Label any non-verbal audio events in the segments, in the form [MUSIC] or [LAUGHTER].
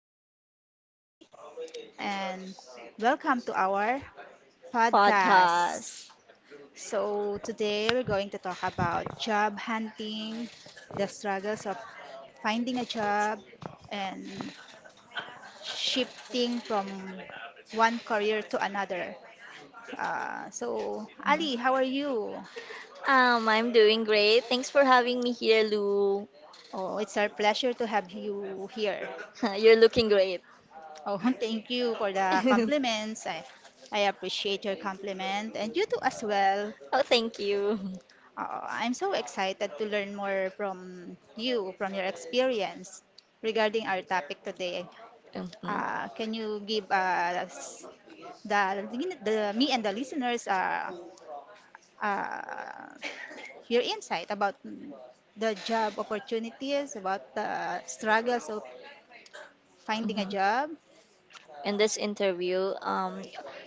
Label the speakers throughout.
Speaker 1: here Ali, and welcome to our podcast.
Speaker 2: Podcast.
Speaker 1: So, today we're going to talk about job hunting, the struggles of finding a job, and shifting from one career to another. So, Ali, how are you?
Speaker 2: I'm doing great. Thanks for having me here, Lou.
Speaker 1: Oh, it's our pleasure to have you here.
Speaker 2: [LAUGHS] You're looking great.
Speaker 1: Oh, [LAUGHS] thank you for
Speaker 2: [LAUGHS]
Speaker 1: the
Speaker 2: Oh,
Speaker 1: compliments. I appreciate your compliment and you too as well.
Speaker 2: thank you.
Speaker 1: I'm so excited to learn more from you, from your experience regarding our topic today.
Speaker 2: hmm
Speaker 1: Can you give us the, the me and the listeners uh, your insight about the job opportunities, about the struggles of finding a
Speaker 2: hmm
Speaker 1: job?
Speaker 2: In this interview,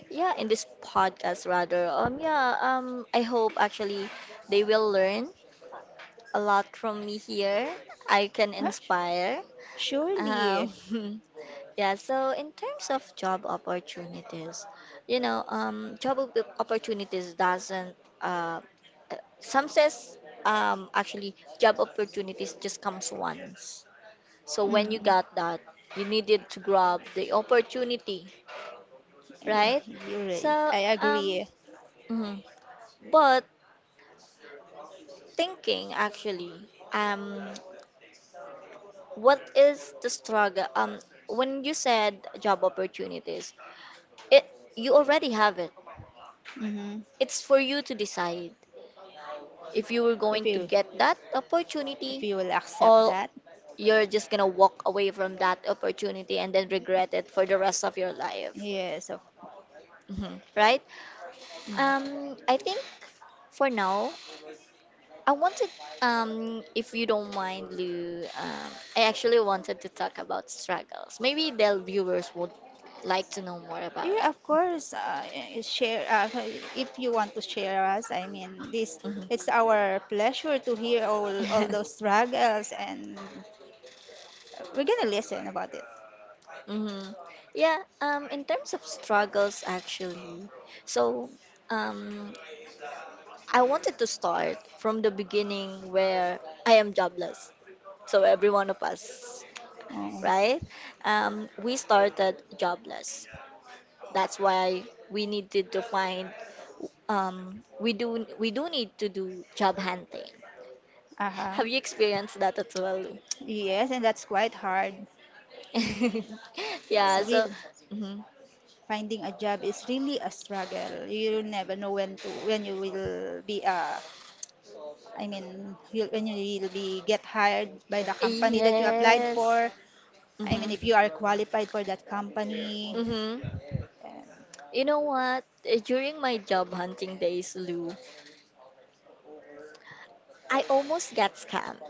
Speaker 2: yeah, in this podcast rather, yeah, I hope actually they will learn a lot from me here. I can
Speaker 1: Huh?
Speaker 2: inspire. Um,
Speaker 1: Surely.
Speaker 2: [LAUGHS] Yeah, so in terms of job opportunities, you know, job opportunities doesn't, uh, some says actually job opportunities just comes once. So when you
Speaker 1: Mm.
Speaker 2: got that, you needed to grab the opportunity, right?
Speaker 1: You're right.
Speaker 2: So,
Speaker 1: I
Speaker 2: um,
Speaker 1: agree.
Speaker 2: mhm. But thinking actually, what is the struggle? When you said job opportunities, it you already have it.
Speaker 1: Hmm.
Speaker 2: It's for you to decide if you were going
Speaker 1: If
Speaker 2: to
Speaker 1: you
Speaker 2: get that
Speaker 1: if
Speaker 2: opportunity
Speaker 1: you will accept
Speaker 2: or
Speaker 1: that,
Speaker 2: you're just gonna walk away from that opportunity and then regret it for the rest of your life.
Speaker 1: yes, of.
Speaker 2: Mhm. Right?
Speaker 1: Mhm.
Speaker 2: I think for now, I wanted, if you don't mind, Lou, I actually wanted to talk about struggles. Maybe the viewers would like to know more about it.
Speaker 1: Yeah, of course. Share if you want to share us. I mean, this
Speaker 2: Mhm.
Speaker 1: it's our pleasure to hear all those
Speaker 2: [LAUGHS]
Speaker 1: struggles, and we're gonna listen about it.
Speaker 2: hmm Yeah, in terms of struggles, actually, so um, I wanted to start from the beginning where I am jobless. So every one of us,
Speaker 1: Oh,
Speaker 2: right? We started jobless. That's why we needed to find. We do need to do job hunting.
Speaker 1: uh-huh.
Speaker 2: Have you experienced that as well?
Speaker 1: Yes, and that's quite hard.
Speaker 2: [LAUGHS]
Speaker 1: It's
Speaker 2: Yeah. So.
Speaker 1: real.
Speaker 2: Mhm.
Speaker 1: Finding a job is really a struggle. You never know when you will be I mean you, when you will be get hired by the company that you applied
Speaker 2: Yes.
Speaker 1: for. I mean,
Speaker 2: Mm-hmm.
Speaker 1: if you are qualified for that company.
Speaker 2: Mm-hmm.
Speaker 1: And,
Speaker 2: You know what? During my job hunting days, Lou, I almost got scammed.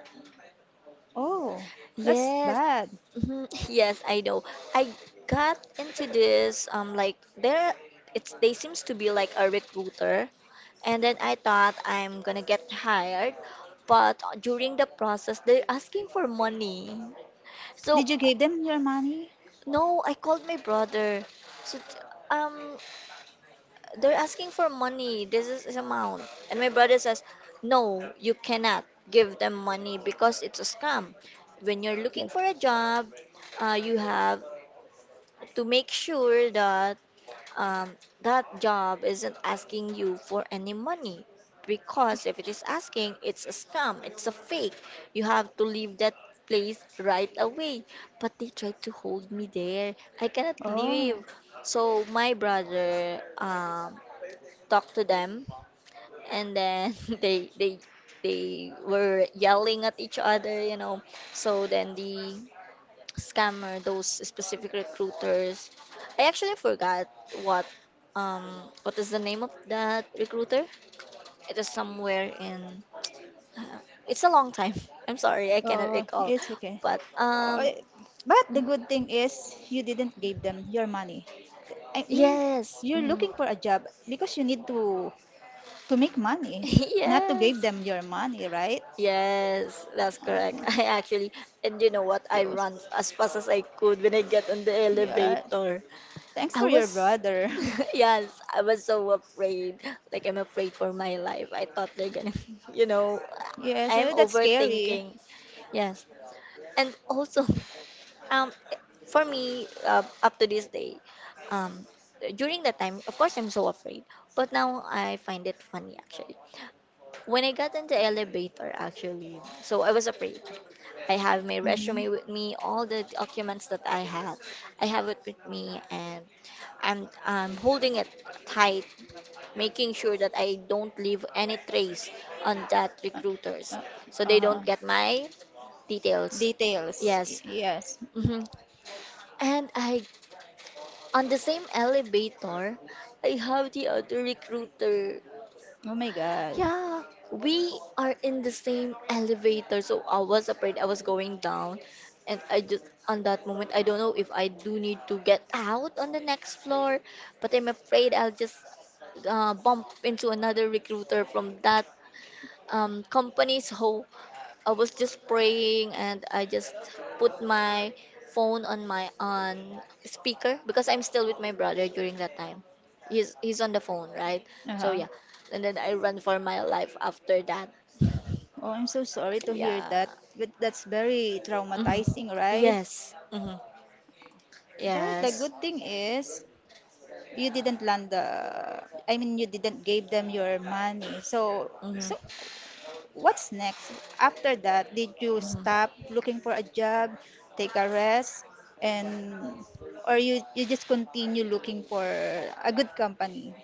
Speaker 1: oh, that's
Speaker 2: Yes,
Speaker 1: bad.
Speaker 2: mhm, [LAUGHS] yes, I know. I got into this, like, there it's they seems to be like a recruiter, and then I thought I'm gonna get hired, but during the process they're asking for money. So
Speaker 1: Did you give them your money?
Speaker 2: no, I called my brother. So um they're asking for money. This is his amount. And my brother says, no, you cannot give them money because it's a scam. When you're looking
Speaker 1: The-
Speaker 2: for a job, you have to make sure that um, that job isn't asking you for any money. Because if it is asking, it's a scam, it's a fake. You have to leave that place right away. But they tried to hold me there. I cannot
Speaker 1: Oh,
Speaker 2: leave. So my brother, talk to them, and then [LAUGHS] they they they were yelling at each other, so then the scammer, those specific recruiters, I actually forgot what, um what is the name of that recruiter. It is somewhere in, uh, it's a long time. [LAUGHS] I'm sorry, I cannot
Speaker 1: oh,
Speaker 2: recall.
Speaker 1: it's okay.
Speaker 2: But
Speaker 1: Oh, but the
Speaker 2: mm,
Speaker 1: good thing is you didn't give them your money. I mean,
Speaker 2: yes,
Speaker 1: you're
Speaker 2: mhm.
Speaker 1: looking for a job because you need to make
Speaker 2: [LAUGHS]
Speaker 1: money, not to give
Speaker 2: Yes.
Speaker 1: them your money, right?
Speaker 2: Yes, that's correct.
Speaker 1: Uh,
Speaker 2: [LAUGHS] I actually, and you know what? I ran
Speaker 1: those-
Speaker 2: as fast as I could when I get on the
Speaker 1: yeah.
Speaker 2: elevator.
Speaker 1: Thanks
Speaker 2: I
Speaker 1: for your
Speaker 2: was,
Speaker 1: brother. [LAUGHS]
Speaker 2: [LAUGHS] yes, I was so afraid. Like, I'm afraid for my life. I thought they're gonna, [LAUGHS] you know,
Speaker 1: Yes,
Speaker 2: I'm
Speaker 1: that's scary.
Speaker 2: overthinking. Yes. And also, [LAUGHS] um, for me, up to this day, um, during that time, of course, I'm so afraid. But now I find it funny, actually. When I got in the elevator, actually, so I was afraid. I have my
Speaker 1: Mhm.
Speaker 2: resume with me, all the documents that I have it with me, and I'm holding it tight, making sure that I don't leave any trace on that
Speaker 1: Uh,
Speaker 2: recruiters, so they
Speaker 1: uh-huh.
Speaker 2: don't get my details.
Speaker 1: Details.
Speaker 2: Yes,
Speaker 1: Yes.
Speaker 2: hmm and I, on the same elevator, I have the other recruiter.
Speaker 1: Oh my God.
Speaker 2: Yeah, we are in the same elevator, so I was afraid I was going down. And I just, on that moment, I don't know if I do need to get out on the next floor, but I'm afraid I'll just bump into another recruiter from that company. So I was just praying and I just put my phone on my on speaker, because I'm still with my brother during that time. He's on the phone, right? So
Speaker 1: Uh-huh.
Speaker 2: yeah. And then I run for my life after that.
Speaker 1: Oh, I'm so sorry to hear
Speaker 2: Yeah.
Speaker 1: that. But that's very
Speaker 2: hmm
Speaker 1: traumatizing, right?
Speaker 2: Yes.
Speaker 1: But the
Speaker 2: Yes.
Speaker 1: good thing is, you didn't land the I mean, you didn't give them your money. So
Speaker 2: hmm
Speaker 1: so what's next? After that, did you stop
Speaker 2: hmm
Speaker 1: looking for a job, take a rest, and or you just continue looking for a good company?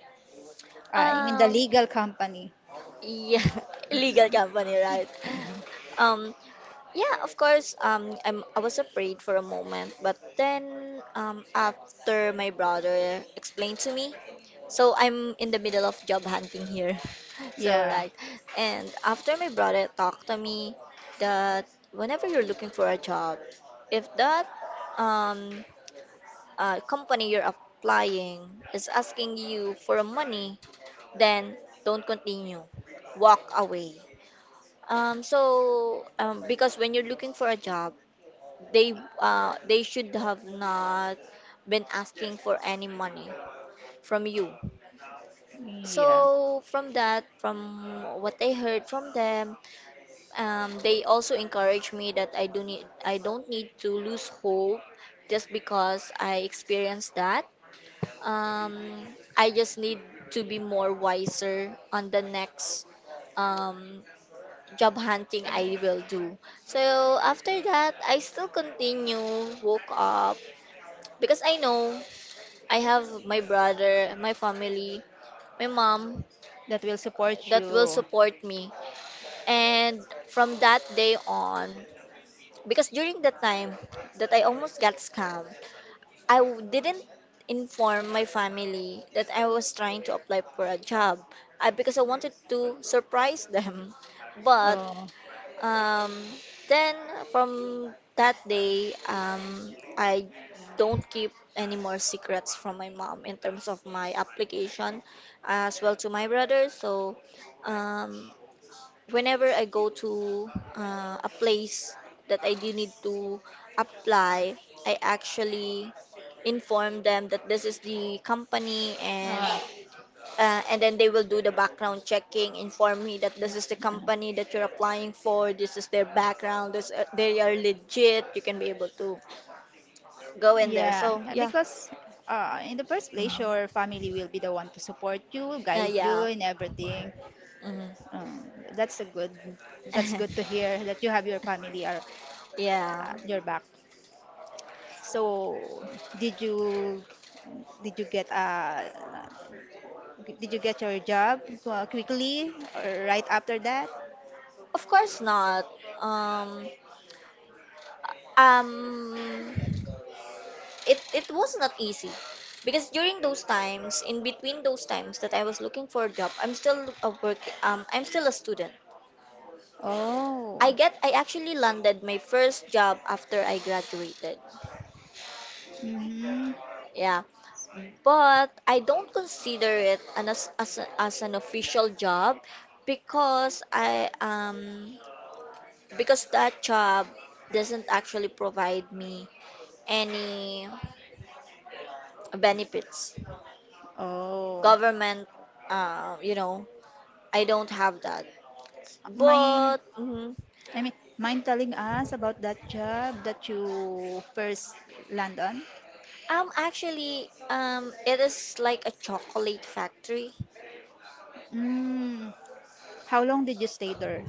Speaker 1: I mean the
Speaker 2: Um
Speaker 1: legal company.
Speaker 2: yeah, [LAUGHS] illegal company, right?
Speaker 1: Mhm.
Speaker 2: Um Yeah, of course. I was afraid for a moment, but then after my brother explained to me, so I'm in the middle of job hunting here. [LAUGHS] So,
Speaker 1: Yeah.
Speaker 2: right. And after my brother talked to me that whenever you're looking for a job, if that um, company you're applying is asking you for money, then don't continue. Walk away. So, because when you're looking for a job, they they should have not been asking for any money from you.
Speaker 1: Yeah.
Speaker 2: So from that, from what I heard from them, they also encouraged me that I don't need to lose hope just because I experienced that. I just need to be more wiser on the next um, job hunting I will do. So after that, I still continue, woke up, because I know I have my brother, my family, my mom
Speaker 1: That will support
Speaker 2: that will
Speaker 1: you.
Speaker 2: support me. And from that day on, because during the time that I almost got scammed, I didn't inform my family that I was trying to apply for a job, because I wanted to surprise them. But
Speaker 1: Oh,
Speaker 2: Um, then from that day, I don't keep any more secrets from my mom in terms of my application, as well to my brother. So, um, whenever I go to a place that I do need to apply, I actually inform them that this is the company, and
Speaker 1: uh,
Speaker 2: and then they will do the background checking, inform me that this is the company that you're applying for, this is their background, this they are legit, you can be able to go in there.
Speaker 1: yeah,
Speaker 2: So yeah.
Speaker 1: because in the first place, your
Speaker 2: Mhm.
Speaker 1: family will be the one to support you, guide you
Speaker 2: Yeah.
Speaker 1: in everything.
Speaker 2: Mhm.
Speaker 1: That's a good. That's good to
Speaker 2: [LAUGHS]
Speaker 1: hear that you have your family are
Speaker 2: Yeah,
Speaker 1: your back. So, did you did you did you get your job quickly or right after that?
Speaker 2: of course not. um um it was not easy because during those times, in between those times that I was looking for a job, I'm still a student.
Speaker 1: Oh.
Speaker 2: I actually landed my first job after I graduated.
Speaker 1: Mm-hmm.
Speaker 2: Yeah. But I don't consider it an, as, a- as an official job because I because that job doesn't actually provide me any benefits.
Speaker 1: Oh.
Speaker 2: Government, uh, you know, I don't have that. But
Speaker 1: Mind,
Speaker 2: mhm.
Speaker 1: I mean, mind telling us about that job that you first land on?
Speaker 2: Actually, it is like a chocolate factory.
Speaker 1: Mm. How long did you stay there?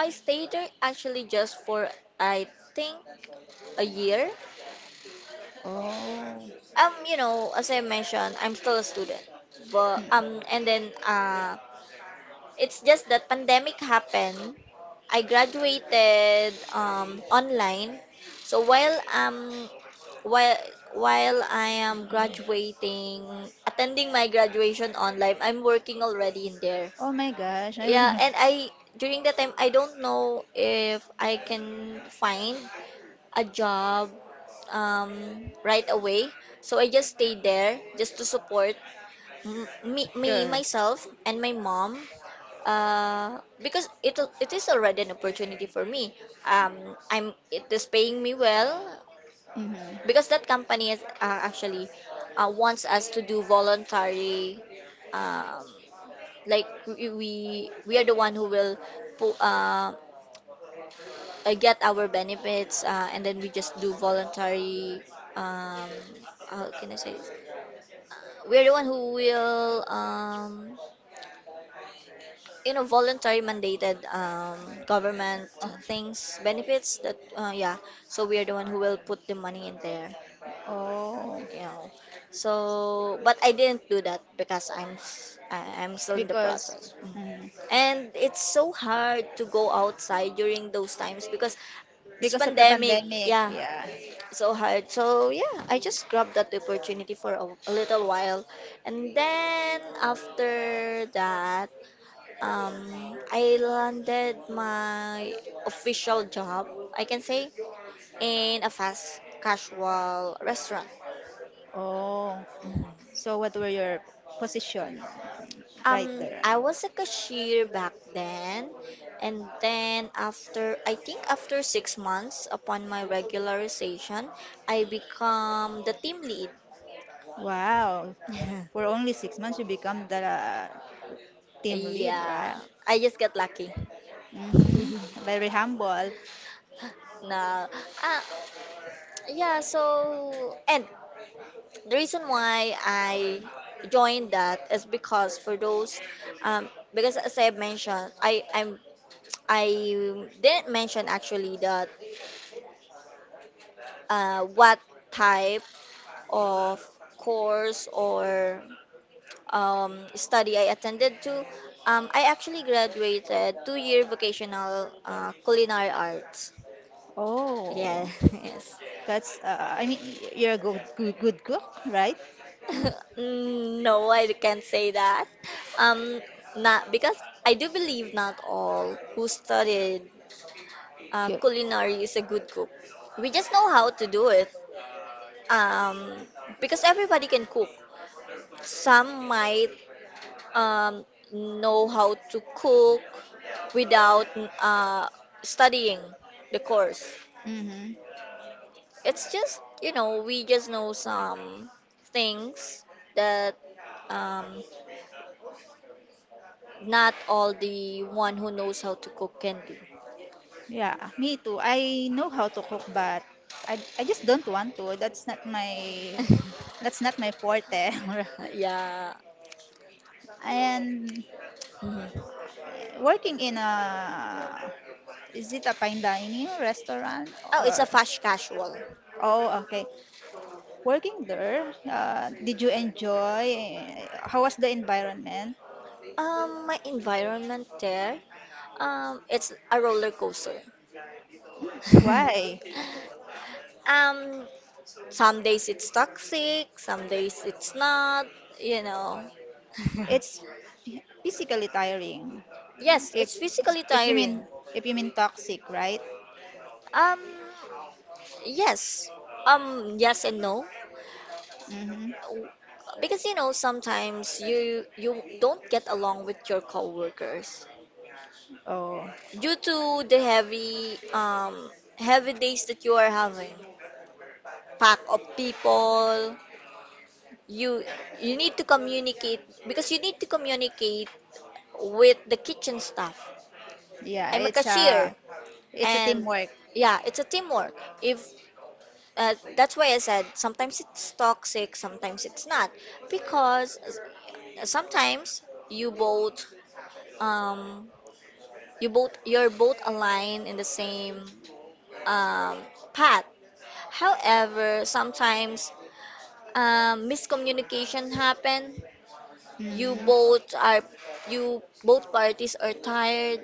Speaker 2: I stayed there actually just for, I think, a year.
Speaker 1: Oh.
Speaker 2: You know, as I mentioned, I'm still a student.
Speaker 1: Mm.
Speaker 2: But and then it's just that pandemic happened. I graduated online. So while while I am graduating, attending my graduation online, I'm working already in there.
Speaker 1: Oh my gosh.
Speaker 2: Yeah, and I, during that time, I don't know if I can find a job um, right away. So I just stayed there just to support
Speaker 1: [LAUGHS] You
Speaker 2: myself, and my mom. Because it is already an opportunity for me. I'm It is paying me well because
Speaker 1: Mm-hmm.
Speaker 2: that company is actually wants us to do voluntary, um, like we are the one who will pu- uh, get our benefits, and then we just do voluntary um how can I say this? We're the one who will voluntary mandated government
Speaker 1: Oh.
Speaker 2: things, benefits that, yeah, so we are the one who will put the money in there
Speaker 1: Oh.
Speaker 2: you know so but I didn't do that because I'm still in the
Speaker 1: Because
Speaker 2: process. Mm.
Speaker 1: mm,
Speaker 2: And it's so hard to go outside during those times because it's
Speaker 1: because of the
Speaker 2: pandemic,
Speaker 1: pandemic,
Speaker 2: yeah,
Speaker 1: yeah.
Speaker 2: so hard. So yeah, I just grabbed that opportunity for a little while, and then after that, I landed my official job. I can say in a fast casual restaurant.
Speaker 1: Oh. So what were your position right there?
Speaker 2: I was a cashier back then, and then after, I think, after 6 months upon my regularization, I become the team lead.
Speaker 1: Wow. Yeah. For
Speaker 2: [LAUGHS]
Speaker 1: only 6 months, you become the team lead,
Speaker 2: Yeah,
Speaker 1: right?
Speaker 2: I just got lucky. [LAUGHS]
Speaker 1: Mm-hmm. Very humble.
Speaker 2: No. Yeah, so, and the reason why I joined that is because as I mentioned, I didn't mention actually that what type of course or study I attended to. I actually graduated two-year vocational culinary arts. Yeah,
Speaker 1: Oh,
Speaker 2: [LAUGHS] yes.
Speaker 1: I mean, you're a good, good, good cook, right?
Speaker 2: [LAUGHS] Mm, no, I can't say that. Um, Not because I do believe not all who studied
Speaker 1: Cute.
Speaker 2: culinary is a good cook. We just know how to do it. Um, because everybody can cook. Some might um, know how to cook without uh, studying the course.
Speaker 1: Mm-hmm.
Speaker 2: It's just, we just know some things that um, Not all the one who knows how to cook can do.
Speaker 1: Yeah, me too. I know how to cook, but I just don't want to. That's not my
Speaker 2: [LAUGHS]
Speaker 1: that's not my forte.
Speaker 2: Yeah.
Speaker 1: [LAUGHS] And
Speaker 2: Mhm.
Speaker 1: working in a, is it a fine dining restaurant
Speaker 2: Oh, it's a
Speaker 1: or
Speaker 2: fast casual.
Speaker 1: oh, okay, working there, did you enjoy, how was the environment,
Speaker 2: My environment there, it's a roller coaster.
Speaker 1: why
Speaker 2: [LAUGHS] um, some days it's toxic, some days it's not. You know.
Speaker 1: it's physically tiring,
Speaker 2: [LAUGHS] Yes,
Speaker 1: if
Speaker 2: it's physically
Speaker 1: if you
Speaker 2: tiring.
Speaker 1: mean, if you mean toxic, right?
Speaker 2: Um, yes. Yes and no.
Speaker 1: Mm-hmm.
Speaker 2: w- because you know sometimes you don't get along with your coworkers
Speaker 1: Oh,
Speaker 2: due to the heavy heavy days that you are having. Pack of people, you you need to communicate because you need to communicate with the kitchen staff.
Speaker 1: yeah.
Speaker 2: I'm a
Speaker 1: it's
Speaker 2: cashier.
Speaker 1: a it's a
Speaker 2: And
Speaker 1: teamwork.
Speaker 2: yeah, it's a teamwork. If That's why I said sometimes it's toxic, sometimes it's not. Because sometimes you both um, you're both aligned in the same um, path. However, sometimes miscommunication happen. You
Speaker 1: Mm.
Speaker 2: both are you both parties are tired.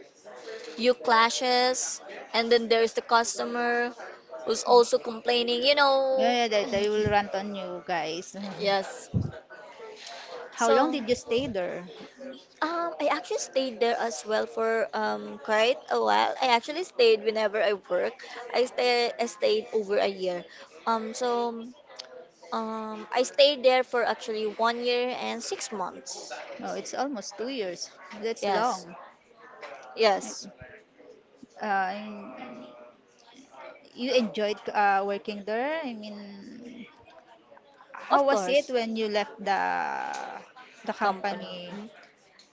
Speaker 2: You clashes, and then there's the customer who's also complaining.
Speaker 1: Yeah, yeah, they will rant on you guys. [LAUGHS]
Speaker 2: Yes.
Speaker 1: How long
Speaker 2: So.
Speaker 1: did you stay there?
Speaker 2: I actually stayed there as well for quite a while. I actually stayed whenever I work. I stayed over a year. So I stayed there for actually 1 year and 6 months.
Speaker 1: No, it's almost 2 years. That's
Speaker 2: Yes,
Speaker 1: long.
Speaker 2: yes,
Speaker 1: Uh, you enjoyed working there? I mean, how
Speaker 2: of
Speaker 1: was it
Speaker 2: course,
Speaker 1: when you left the
Speaker 2: company.
Speaker 1: company
Speaker 2: Mm.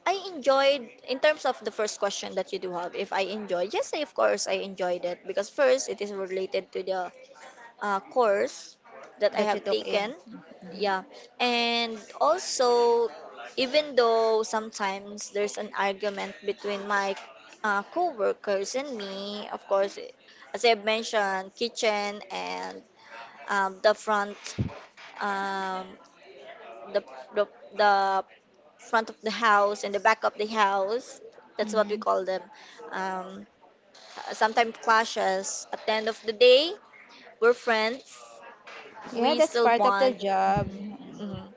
Speaker 2: I enjoyed in terms of the first question that you do have. If I enjoy, yes, of course, I enjoyed it because first it is related to the course that I
Speaker 1: that you
Speaker 2: have
Speaker 1: took in?
Speaker 2: taken.
Speaker 1: Mhm.
Speaker 2: Yeah. And also, even though sometimes there's an argument between my co-workers and me, of course, as I've mentioned, kitchen and um, the front, um, the, the, the front of the house and the back of the house. That's what we
Speaker 1: Mhm.
Speaker 2: call them. Um, sometimes clashes. At the end of the day, we're friends
Speaker 1: Yeah,
Speaker 2: we
Speaker 1: that's
Speaker 2: still
Speaker 1: part of the
Speaker 2: want.
Speaker 1: job.
Speaker 2: Mhm, mhm.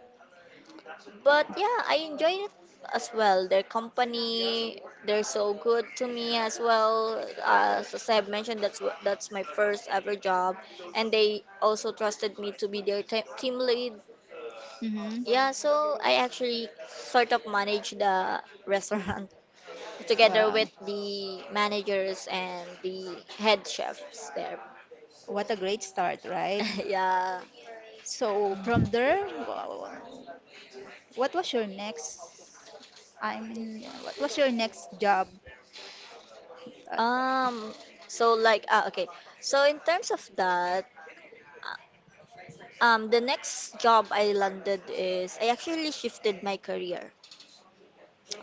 Speaker 2: But yeah, I enjoy it as well. Their company, they're so good to me as well. As I've mentioned, that's my first ever job, and they also trusted me to be their team lead. Yeah, so I actually sort of
Speaker 1: Mm-hmm.
Speaker 2: manage the restaurant [LAUGHS] together
Speaker 1: Wow.
Speaker 2: with the managers and the head chefs there.
Speaker 1: What a great start, right?
Speaker 2: [LAUGHS] yeah.
Speaker 1: So from there, wow, what was your next? I mean, what was your next job? At,
Speaker 2: Um, so like okay. So in terms of that, uh, the next job I landed is I actually shifted my career.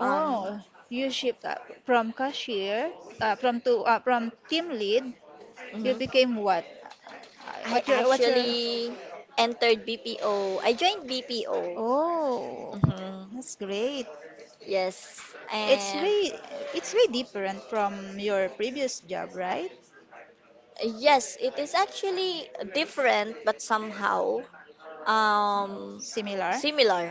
Speaker 2: Um,
Speaker 1: you shipped up from cashier, from team lead. You
Speaker 2: mhm.
Speaker 1: became what?
Speaker 2: I
Speaker 1: What your
Speaker 2: actually entered BPO. I joined BPO.
Speaker 1: Oh,
Speaker 2: Mm-hmm.
Speaker 1: that's great.
Speaker 2: Yes.
Speaker 1: It's
Speaker 2: And
Speaker 1: way it's way different from your previous job, right?
Speaker 2: yes, it is actually different but somehow um
Speaker 1: Similar?
Speaker 2: similar.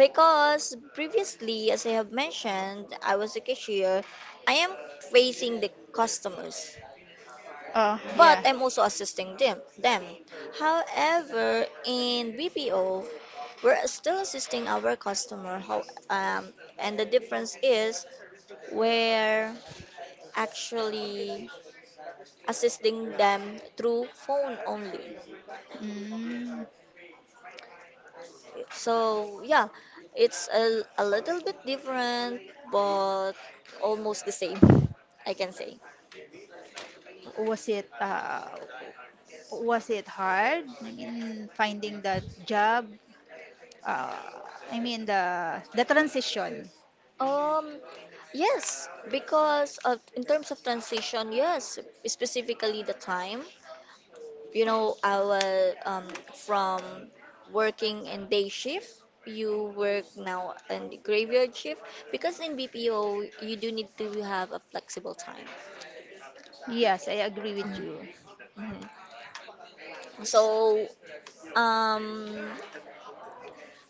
Speaker 2: Because previously, as I have mentioned, I was a cashier. I am facing the customers,
Speaker 1: Oh,
Speaker 2: but
Speaker 1: yeah.
Speaker 2: I'm also assisting them. However, in BPO, we're still assisting our customer. How and the difference is we're actually assisting them through phone only.
Speaker 1: Mm.
Speaker 2: So yeah, it's a little bit different, but almost the same, [LAUGHS] I can say.
Speaker 1: Was it uh, was it hard? I mean, finding that job. Uh, I mean the transition.
Speaker 2: Um, yes, because of, in terms of transition, yes, specifically the time. You know, I will from working in day shift, you work now in the graveyard shift because in BPO you do need to have a flexible time.
Speaker 1: Yes, I agree with
Speaker 2: Mhm,
Speaker 1: you.
Speaker 2: mhm. So, um,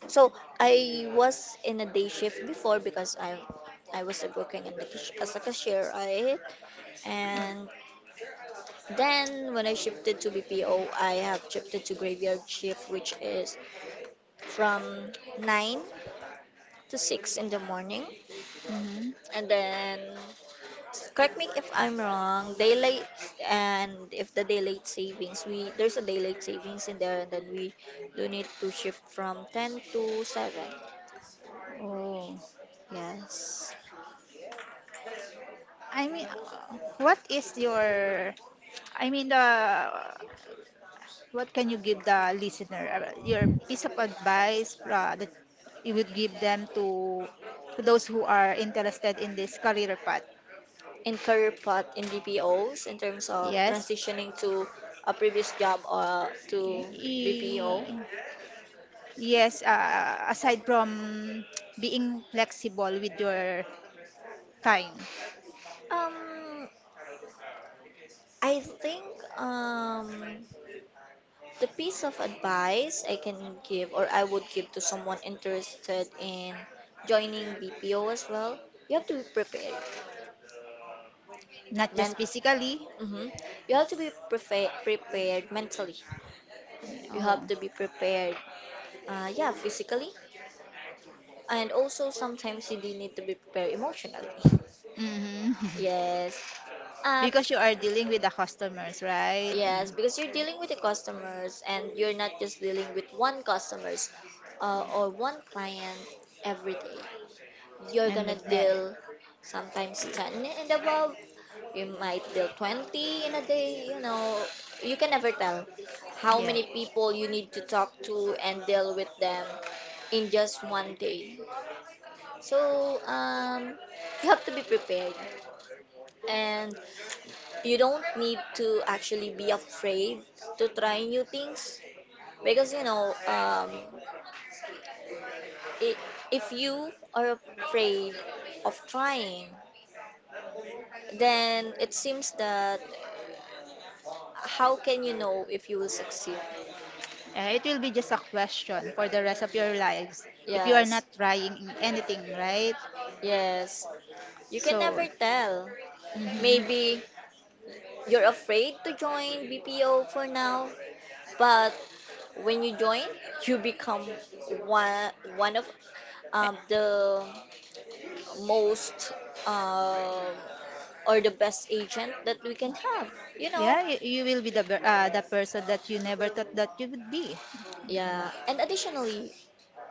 Speaker 2: so, I was in a day shift before because I was working in the as a cashier, right? And then, when I shifted to BPO, I have shifted to graveyard shift, which is from 9 to 6 in the morning.
Speaker 1: Hmm.
Speaker 2: And then, correct me if I'm wrong, daylight, and if the daylight savings, we there's a daylight savings in there, and then we do need to shift from 10 to 7.
Speaker 1: Oh,
Speaker 2: Yes.
Speaker 1: I mean, what is your? I mean the what can you give the listener? Your piece of advice that you would give them to those who are interested in this career path?
Speaker 2: In career path in BPOs, in terms of
Speaker 1: Yes.
Speaker 2: transitioning to a previous job to BPO,
Speaker 1: Y- Yes, aside from being flexible with your time,
Speaker 2: um, I think um, the piece of advice I can give or I would give to someone interested in joining BPO as well, you have to be prepared.
Speaker 1: not just
Speaker 2: Men-
Speaker 1: physically.
Speaker 2: hmm. You have to be prepared mentally. You have
Speaker 1: Oh.
Speaker 2: to be prepared, yeah, physically. And also sometimes you do need to be prepared emotionally. [LAUGHS]
Speaker 1: Hmm. [LAUGHS]
Speaker 2: Yes. Uh,
Speaker 1: Because you are dealing with the customers, right?
Speaker 2: Yes,
Speaker 1: Mm.
Speaker 2: because you're dealing with the customers and you're not just dealing with one customers or one client every day. You're
Speaker 1: And the
Speaker 2: gonna
Speaker 1: net.
Speaker 2: deal sometimes 10 and above. You might deal 20 in a day, you know. You can never tell how many people you need to talk to and deal with them in
Speaker 1: Yeah.
Speaker 2: just one day. So, you have to be prepared and you don't need to actually be afraid to try new things. Because you know, I if you are afraid of trying, then it seems that how can you know if you will succeed?
Speaker 1: It will be just a question for the rest of your lives if you are
Speaker 2: Yes,
Speaker 1: not trying in anything, right?
Speaker 2: yes. You can
Speaker 1: So,
Speaker 2: never tell.
Speaker 1: mhm.
Speaker 2: Maybe you're afraid to join BPO for now, but when you join, you become one one of
Speaker 1: Eh,
Speaker 2: the most uh, or the best agent that we can have. You know,
Speaker 1: yeah, you will be the the person that you never thought that you would be. Diba?
Speaker 2: Yeah, and additionally,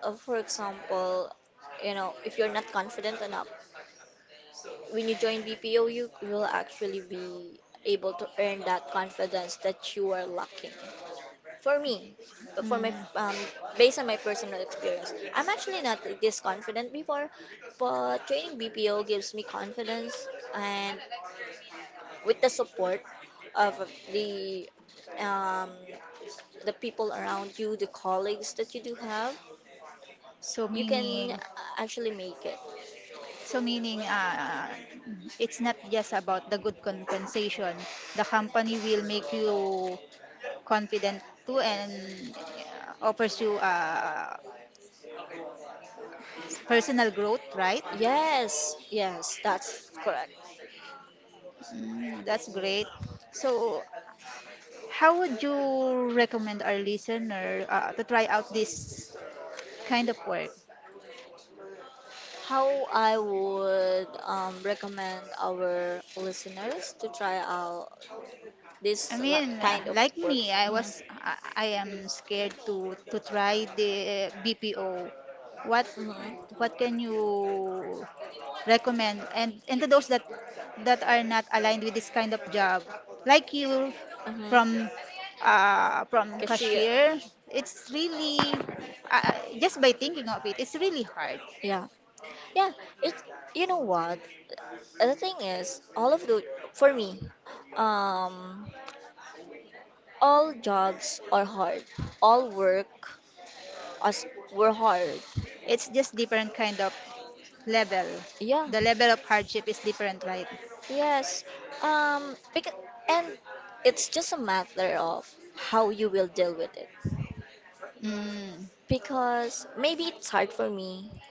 Speaker 2: for example, if you're not confident enough, when you join BPO, you will actually be able to earn that confidence that you are lacking. For me, but for my
Speaker 1: Mm.
Speaker 2: based on my personal experience, I'm actually not this confident before, but training BPO gives me confidence, and with the support of the um, the people around you, the colleagues that you do have,
Speaker 1: So
Speaker 2: you can
Speaker 1: meaning
Speaker 2: actually make it.
Speaker 1: So meaning, it's not just about the good compensation. The company will make you confident too and offers you personal growth, right?
Speaker 2: Yes, yes, that's correct.
Speaker 1: Mm, that's great. So how would you recommend our listener to try out this kind of work?
Speaker 2: How I would recommend our listeners to try out
Speaker 1: I
Speaker 2: this
Speaker 1: mean,
Speaker 2: kind of
Speaker 1: like
Speaker 2: work.
Speaker 1: me, I
Speaker 2: Mhm.
Speaker 1: was I, I am scared to try the BPO. What
Speaker 2: Mhm.
Speaker 1: what can you recommend? And to those that are not aligned with this kind of job, like you
Speaker 2: Mhm.
Speaker 1: from from
Speaker 2: Cashier.
Speaker 1: cashier, it's really uh, just by thinking of it, it's really hard.
Speaker 2: Yeah. Yeah. It. You know what? The thing is, all of the for me, um, all jobs are hard. All work as were hard.
Speaker 1: It's just different kind of level.
Speaker 2: Yeah.
Speaker 1: The level of hardship is different, right?
Speaker 2: Yes. Because, and it's just a matter of how you will deal with it.
Speaker 1: Mm.
Speaker 2: Because maybe it's hard for me,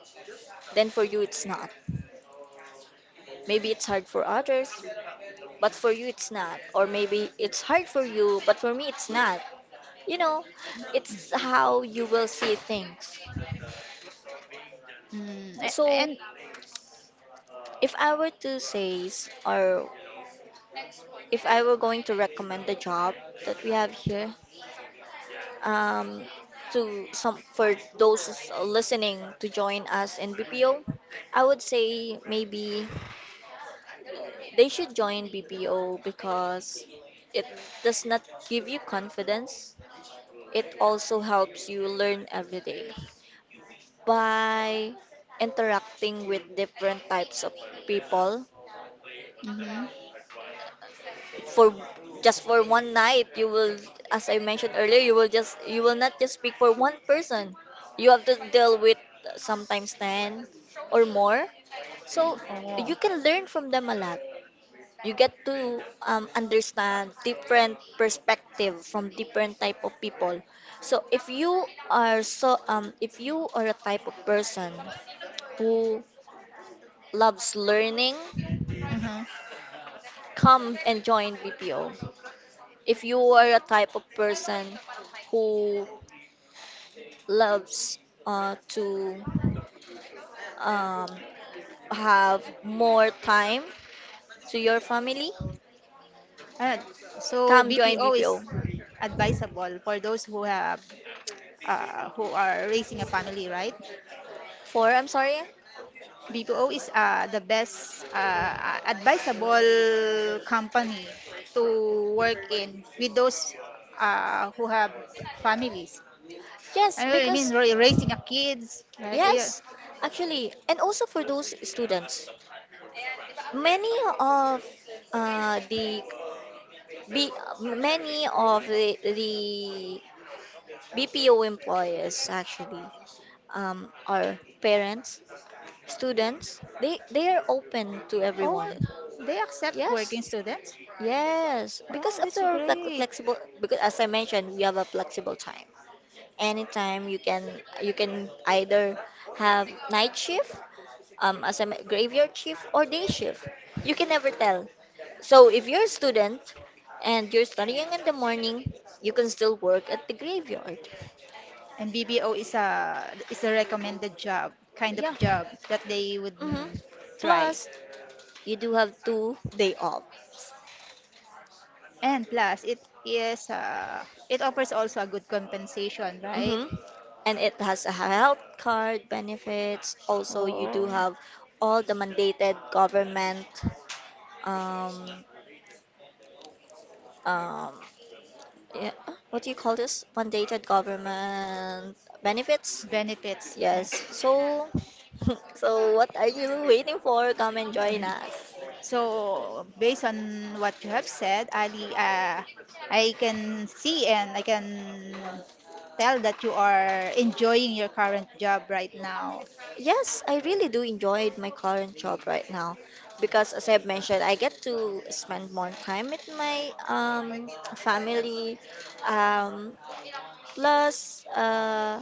Speaker 2: then for you it's not. Maybe it's hard for others, but for you it's not. Or maybe it's hard for you, but for me it's not. You know, it's how you will see things.
Speaker 1: Mm.
Speaker 2: So,
Speaker 1: And.
Speaker 2: if I were to say, or if I were going to recommend the job that we have here, um, to some for those listening to join us in BPO, I would say maybe they should join BPO because it does not give you confidence. It also helps you learn every day by interacting with different types of people.
Speaker 1: Hmm.
Speaker 2: For Just for one night you will, as I mentioned earlier, you will not just speak for one person. You have to deal with sometimes 10 or more, so
Speaker 1: Oh.
Speaker 2: you can learn from them a lot. You get to understand different perspective from different type of people. So if you are a type of person who loves learning,
Speaker 1: Hmm.
Speaker 2: come and join BPO. If you are a type of person who loves to um, have more time to your family,
Speaker 1: Uh, so
Speaker 2: come join
Speaker 1: BPO is
Speaker 2: BPO.
Speaker 1: advisable for those who have who are raising a family, right?
Speaker 2: 4 I'm sorry?
Speaker 1: BPO is the best advisable company to work in with those who have families.
Speaker 2: Yes,
Speaker 1: I mean,
Speaker 2: because,
Speaker 1: raising a kids, right? Yeah.
Speaker 2: yes, actually, and also for those students, many of uh, the B, many of the BPO employees actually are parents, students. They are open to everyone.
Speaker 1: Oh, they accept
Speaker 2: Yes,
Speaker 1: working students.
Speaker 2: yes, because
Speaker 1: Wow,
Speaker 2: of
Speaker 1: that's
Speaker 2: the
Speaker 1: great.
Speaker 2: flexible, because as I mentioned we have a flexible time. Anytime you can either have night shift, as a graveyard shift or day shift. You can never tell. So if you're a student and you're studying in the morning, you can still work at the graveyard.
Speaker 1: And BBO is a recommended job, kind
Speaker 2: Yeah,
Speaker 1: of job that they would
Speaker 2: mm-hmm.
Speaker 1: try.
Speaker 2: Plus you do have 2 day off.
Speaker 1: And plus, it offers also a good compensation, right?
Speaker 2: hmm And it has a health card benefits. Also, you do
Speaker 1: Oh,
Speaker 2: have all the mandated government, um, um, yeah, what do you call this? Mandated government benefits.
Speaker 1: benefits.
Speaker 2: Yes. So, [LAUGHS] so what are you waiting for? Come and join
Speaker 1: Yeah.
Speaker 2: us.
Speaker 1: So, based on what you have said, Ali, I can see and I can tell that you are enjoying your current job right now.
Speaker 2: Yes, I really do enjoy my current job right now because as I've mentioned, I get to spend more time with my family. Um, Plus,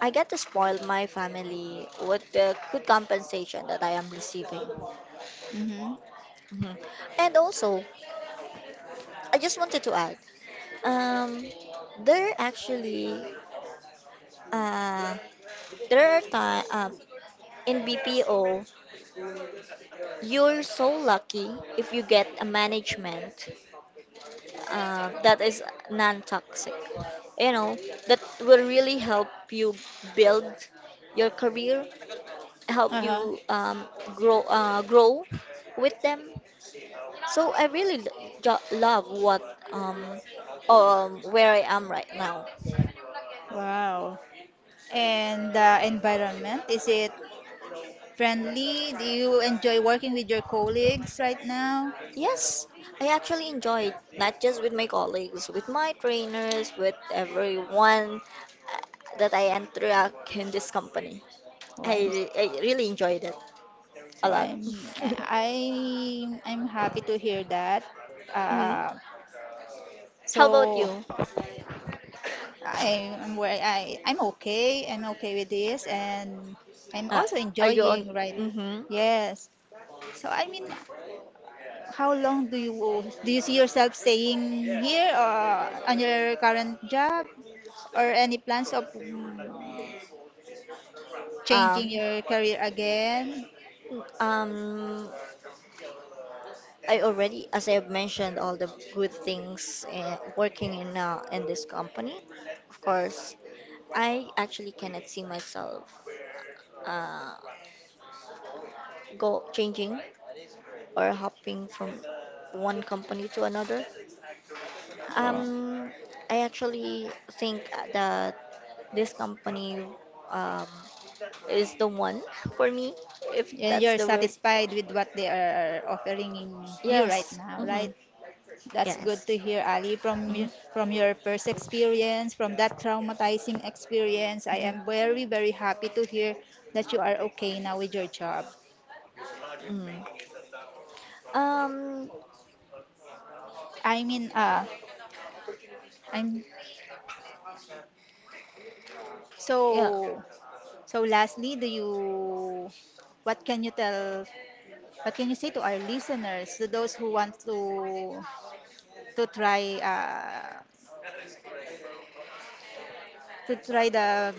Speaker 2: I get to spoil my family with the good compensation that I am receiving.
Speaker 1: Mm-hmm.
Speaker 2: Mhm. And also, I just wanted to add, um, there actually, uh, there are time in BPO, you're so lucky if you get a management that is non-toxic. You know, that will really help you build your career, help
Speaker 1: Uh-huh.
Speaker 2: you grow with them. So I really love what um, where I am right now.
Speaker 1: Wow. And the environment, is it friendly? Do you enjoy working with your colleagues right now?
Speaker 2: Yes, I actually enjoyed not just with my colleagues, with my trainers, with everyone that I interact in this company.
Speaker 1: Oh,
Speaker 2: I really enjoyed it a
Speaker 1: so
Speaker 2: lot. [LAUGHS]
Speaker 1: I'm I'm happy to hear that.
Speaker 2: Mhm.
Speaker 1: Uh,
Speaker 2: How about
Speaker 1: so
Speaker 2: you?
Speaker 1: I am where I'm okay. I'm okay with this, and I'm
Speaker 2: Uh,
Speaker 1: also
Speaker 2: are you on?
Speaker 1: enjoying, right.
Speaker 2: Mm-hmm.
Speaker 1: Yes. So I mean, how long do you see yourself staying here or on your current job, or any plans of changing
Speaker 2: Um,
Speaker 1: your career again?
Speaker 2: um, I already, as I have mentioned, all the good things working in this company. Of course, I actually cannot see myself uh, go changing or hopping from one company to another.
Speaker 1: Or,
Speaker 2: Um, I actually think that this company um, is the one for me, if
Speaker 1: and
Speaker 2: that's
Speaker 1: you're
Speaker 2: the word.
Speaker 1: satisfied with what they are offering you right
Speaker 2: Yes.
Speaker 1: now, right?
Speaker 2: Hmm.
Speaker 1: That's good
Speaker 2: Yes.
Speaker 1: to hear, Ali, from
Speaker 2: Hmm.
Speaker 1: from your first experience, from that traumatizing experience. I am
Speaker 2: Hmm.
Speaker 1: very, very happy to hear that you are okay now with your job.
Speaker 2: Mm. Um.
Speaker 1: I mean, I'm
Speaker 2: Yeah.
Speaker 1: so so lastly, do you what can you tell what can you say to our listeners, to those who want to try the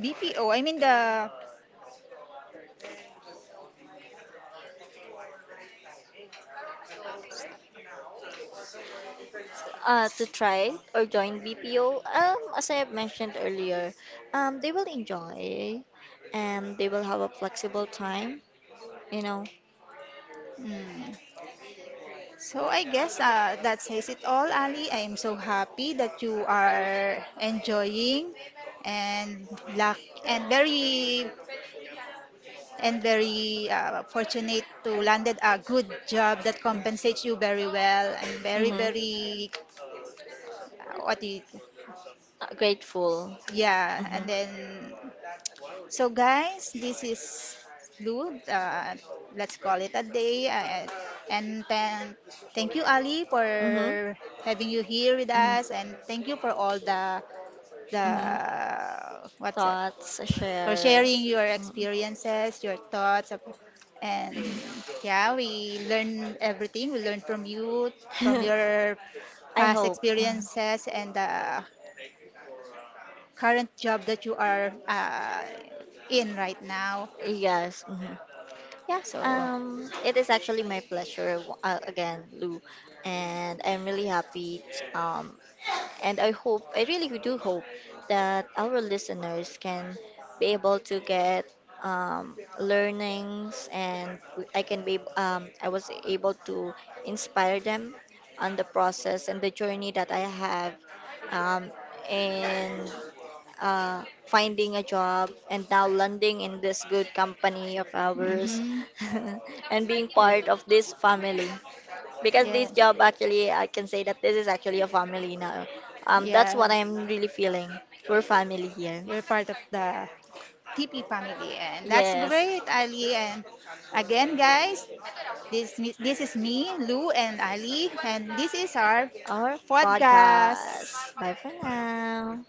Speaker 1: BPO,
Speaker 2: to try or join BPO, as I have mentioned earlier, they will enjoy and they will have a flexible time, you know.
Speaker 1: mm, so I guess that says it all, Ali. I am so happy that you are enjoying and luck and very and very fortunate to landed a good job that compensates you very well and very
Speaker 2: Mm-hmm.
Speaker 1: very what do you,
Speaker 2: Grateful.
Speaker 1: yeah and
Speaker 2: Mm-hmm.
Speaker 1: then. So, guys, this is Lou. Let's call it a day. And thank you, Ali,
Speaker 2: Mm-hmm.
Speaker 1: for having you here with us.
Speaker 2: Mm-hmm.
Speaker 1: And thank you for all the
Speaker 2: Mm-hmm.
Speaker 1: what's that?
Speaker 2: Thoughts,
Speaker 1: For
Speaker 2: shares.
Speaker 1: sharing your experiences, your thoughts. And
Speaker 2: Mm-hmm.
Speaker 1: yeah, we learn everything. We learn from you, from
Speaker 2: [LAUGHS]
Speaker 1: your
Speaker 2: I
Speaker 1: past
Speaker 2: hope. Mhm.
Speaker 1: experiences, and the current job that you are in right now.
Speaker 2: Yes. Hmm. Yeah.
Speaker 1: So,
Speaker 2: It is actually my pleasure, again, Lou, and I'm really happy um And I really do hope that our listeners can be able to get learnings, and I was able to inspire them on the process and the journey that I have, um, in finding a job and now landing in this good company of ours
Speaker 1: mhm,
Speaker 2: [LAUGHS] and being part of this family because
Speaker 1: yeah,
Speaker 2: this job, actually, I can say that this is actually a family now. That's
Speaker 1: yeah,
Speaker 2: what I'm really feeling. We're family here.
Speaker 1: you're part of the TP family, and that's
Speaker 2: Yes.
Speaker 1: great, Ali. And again, guys, this is me, Lou, and Ali, and this is our
Speaker 2: Our
Speaker 1: podcast.
Speaker 2: podcast, bye for now.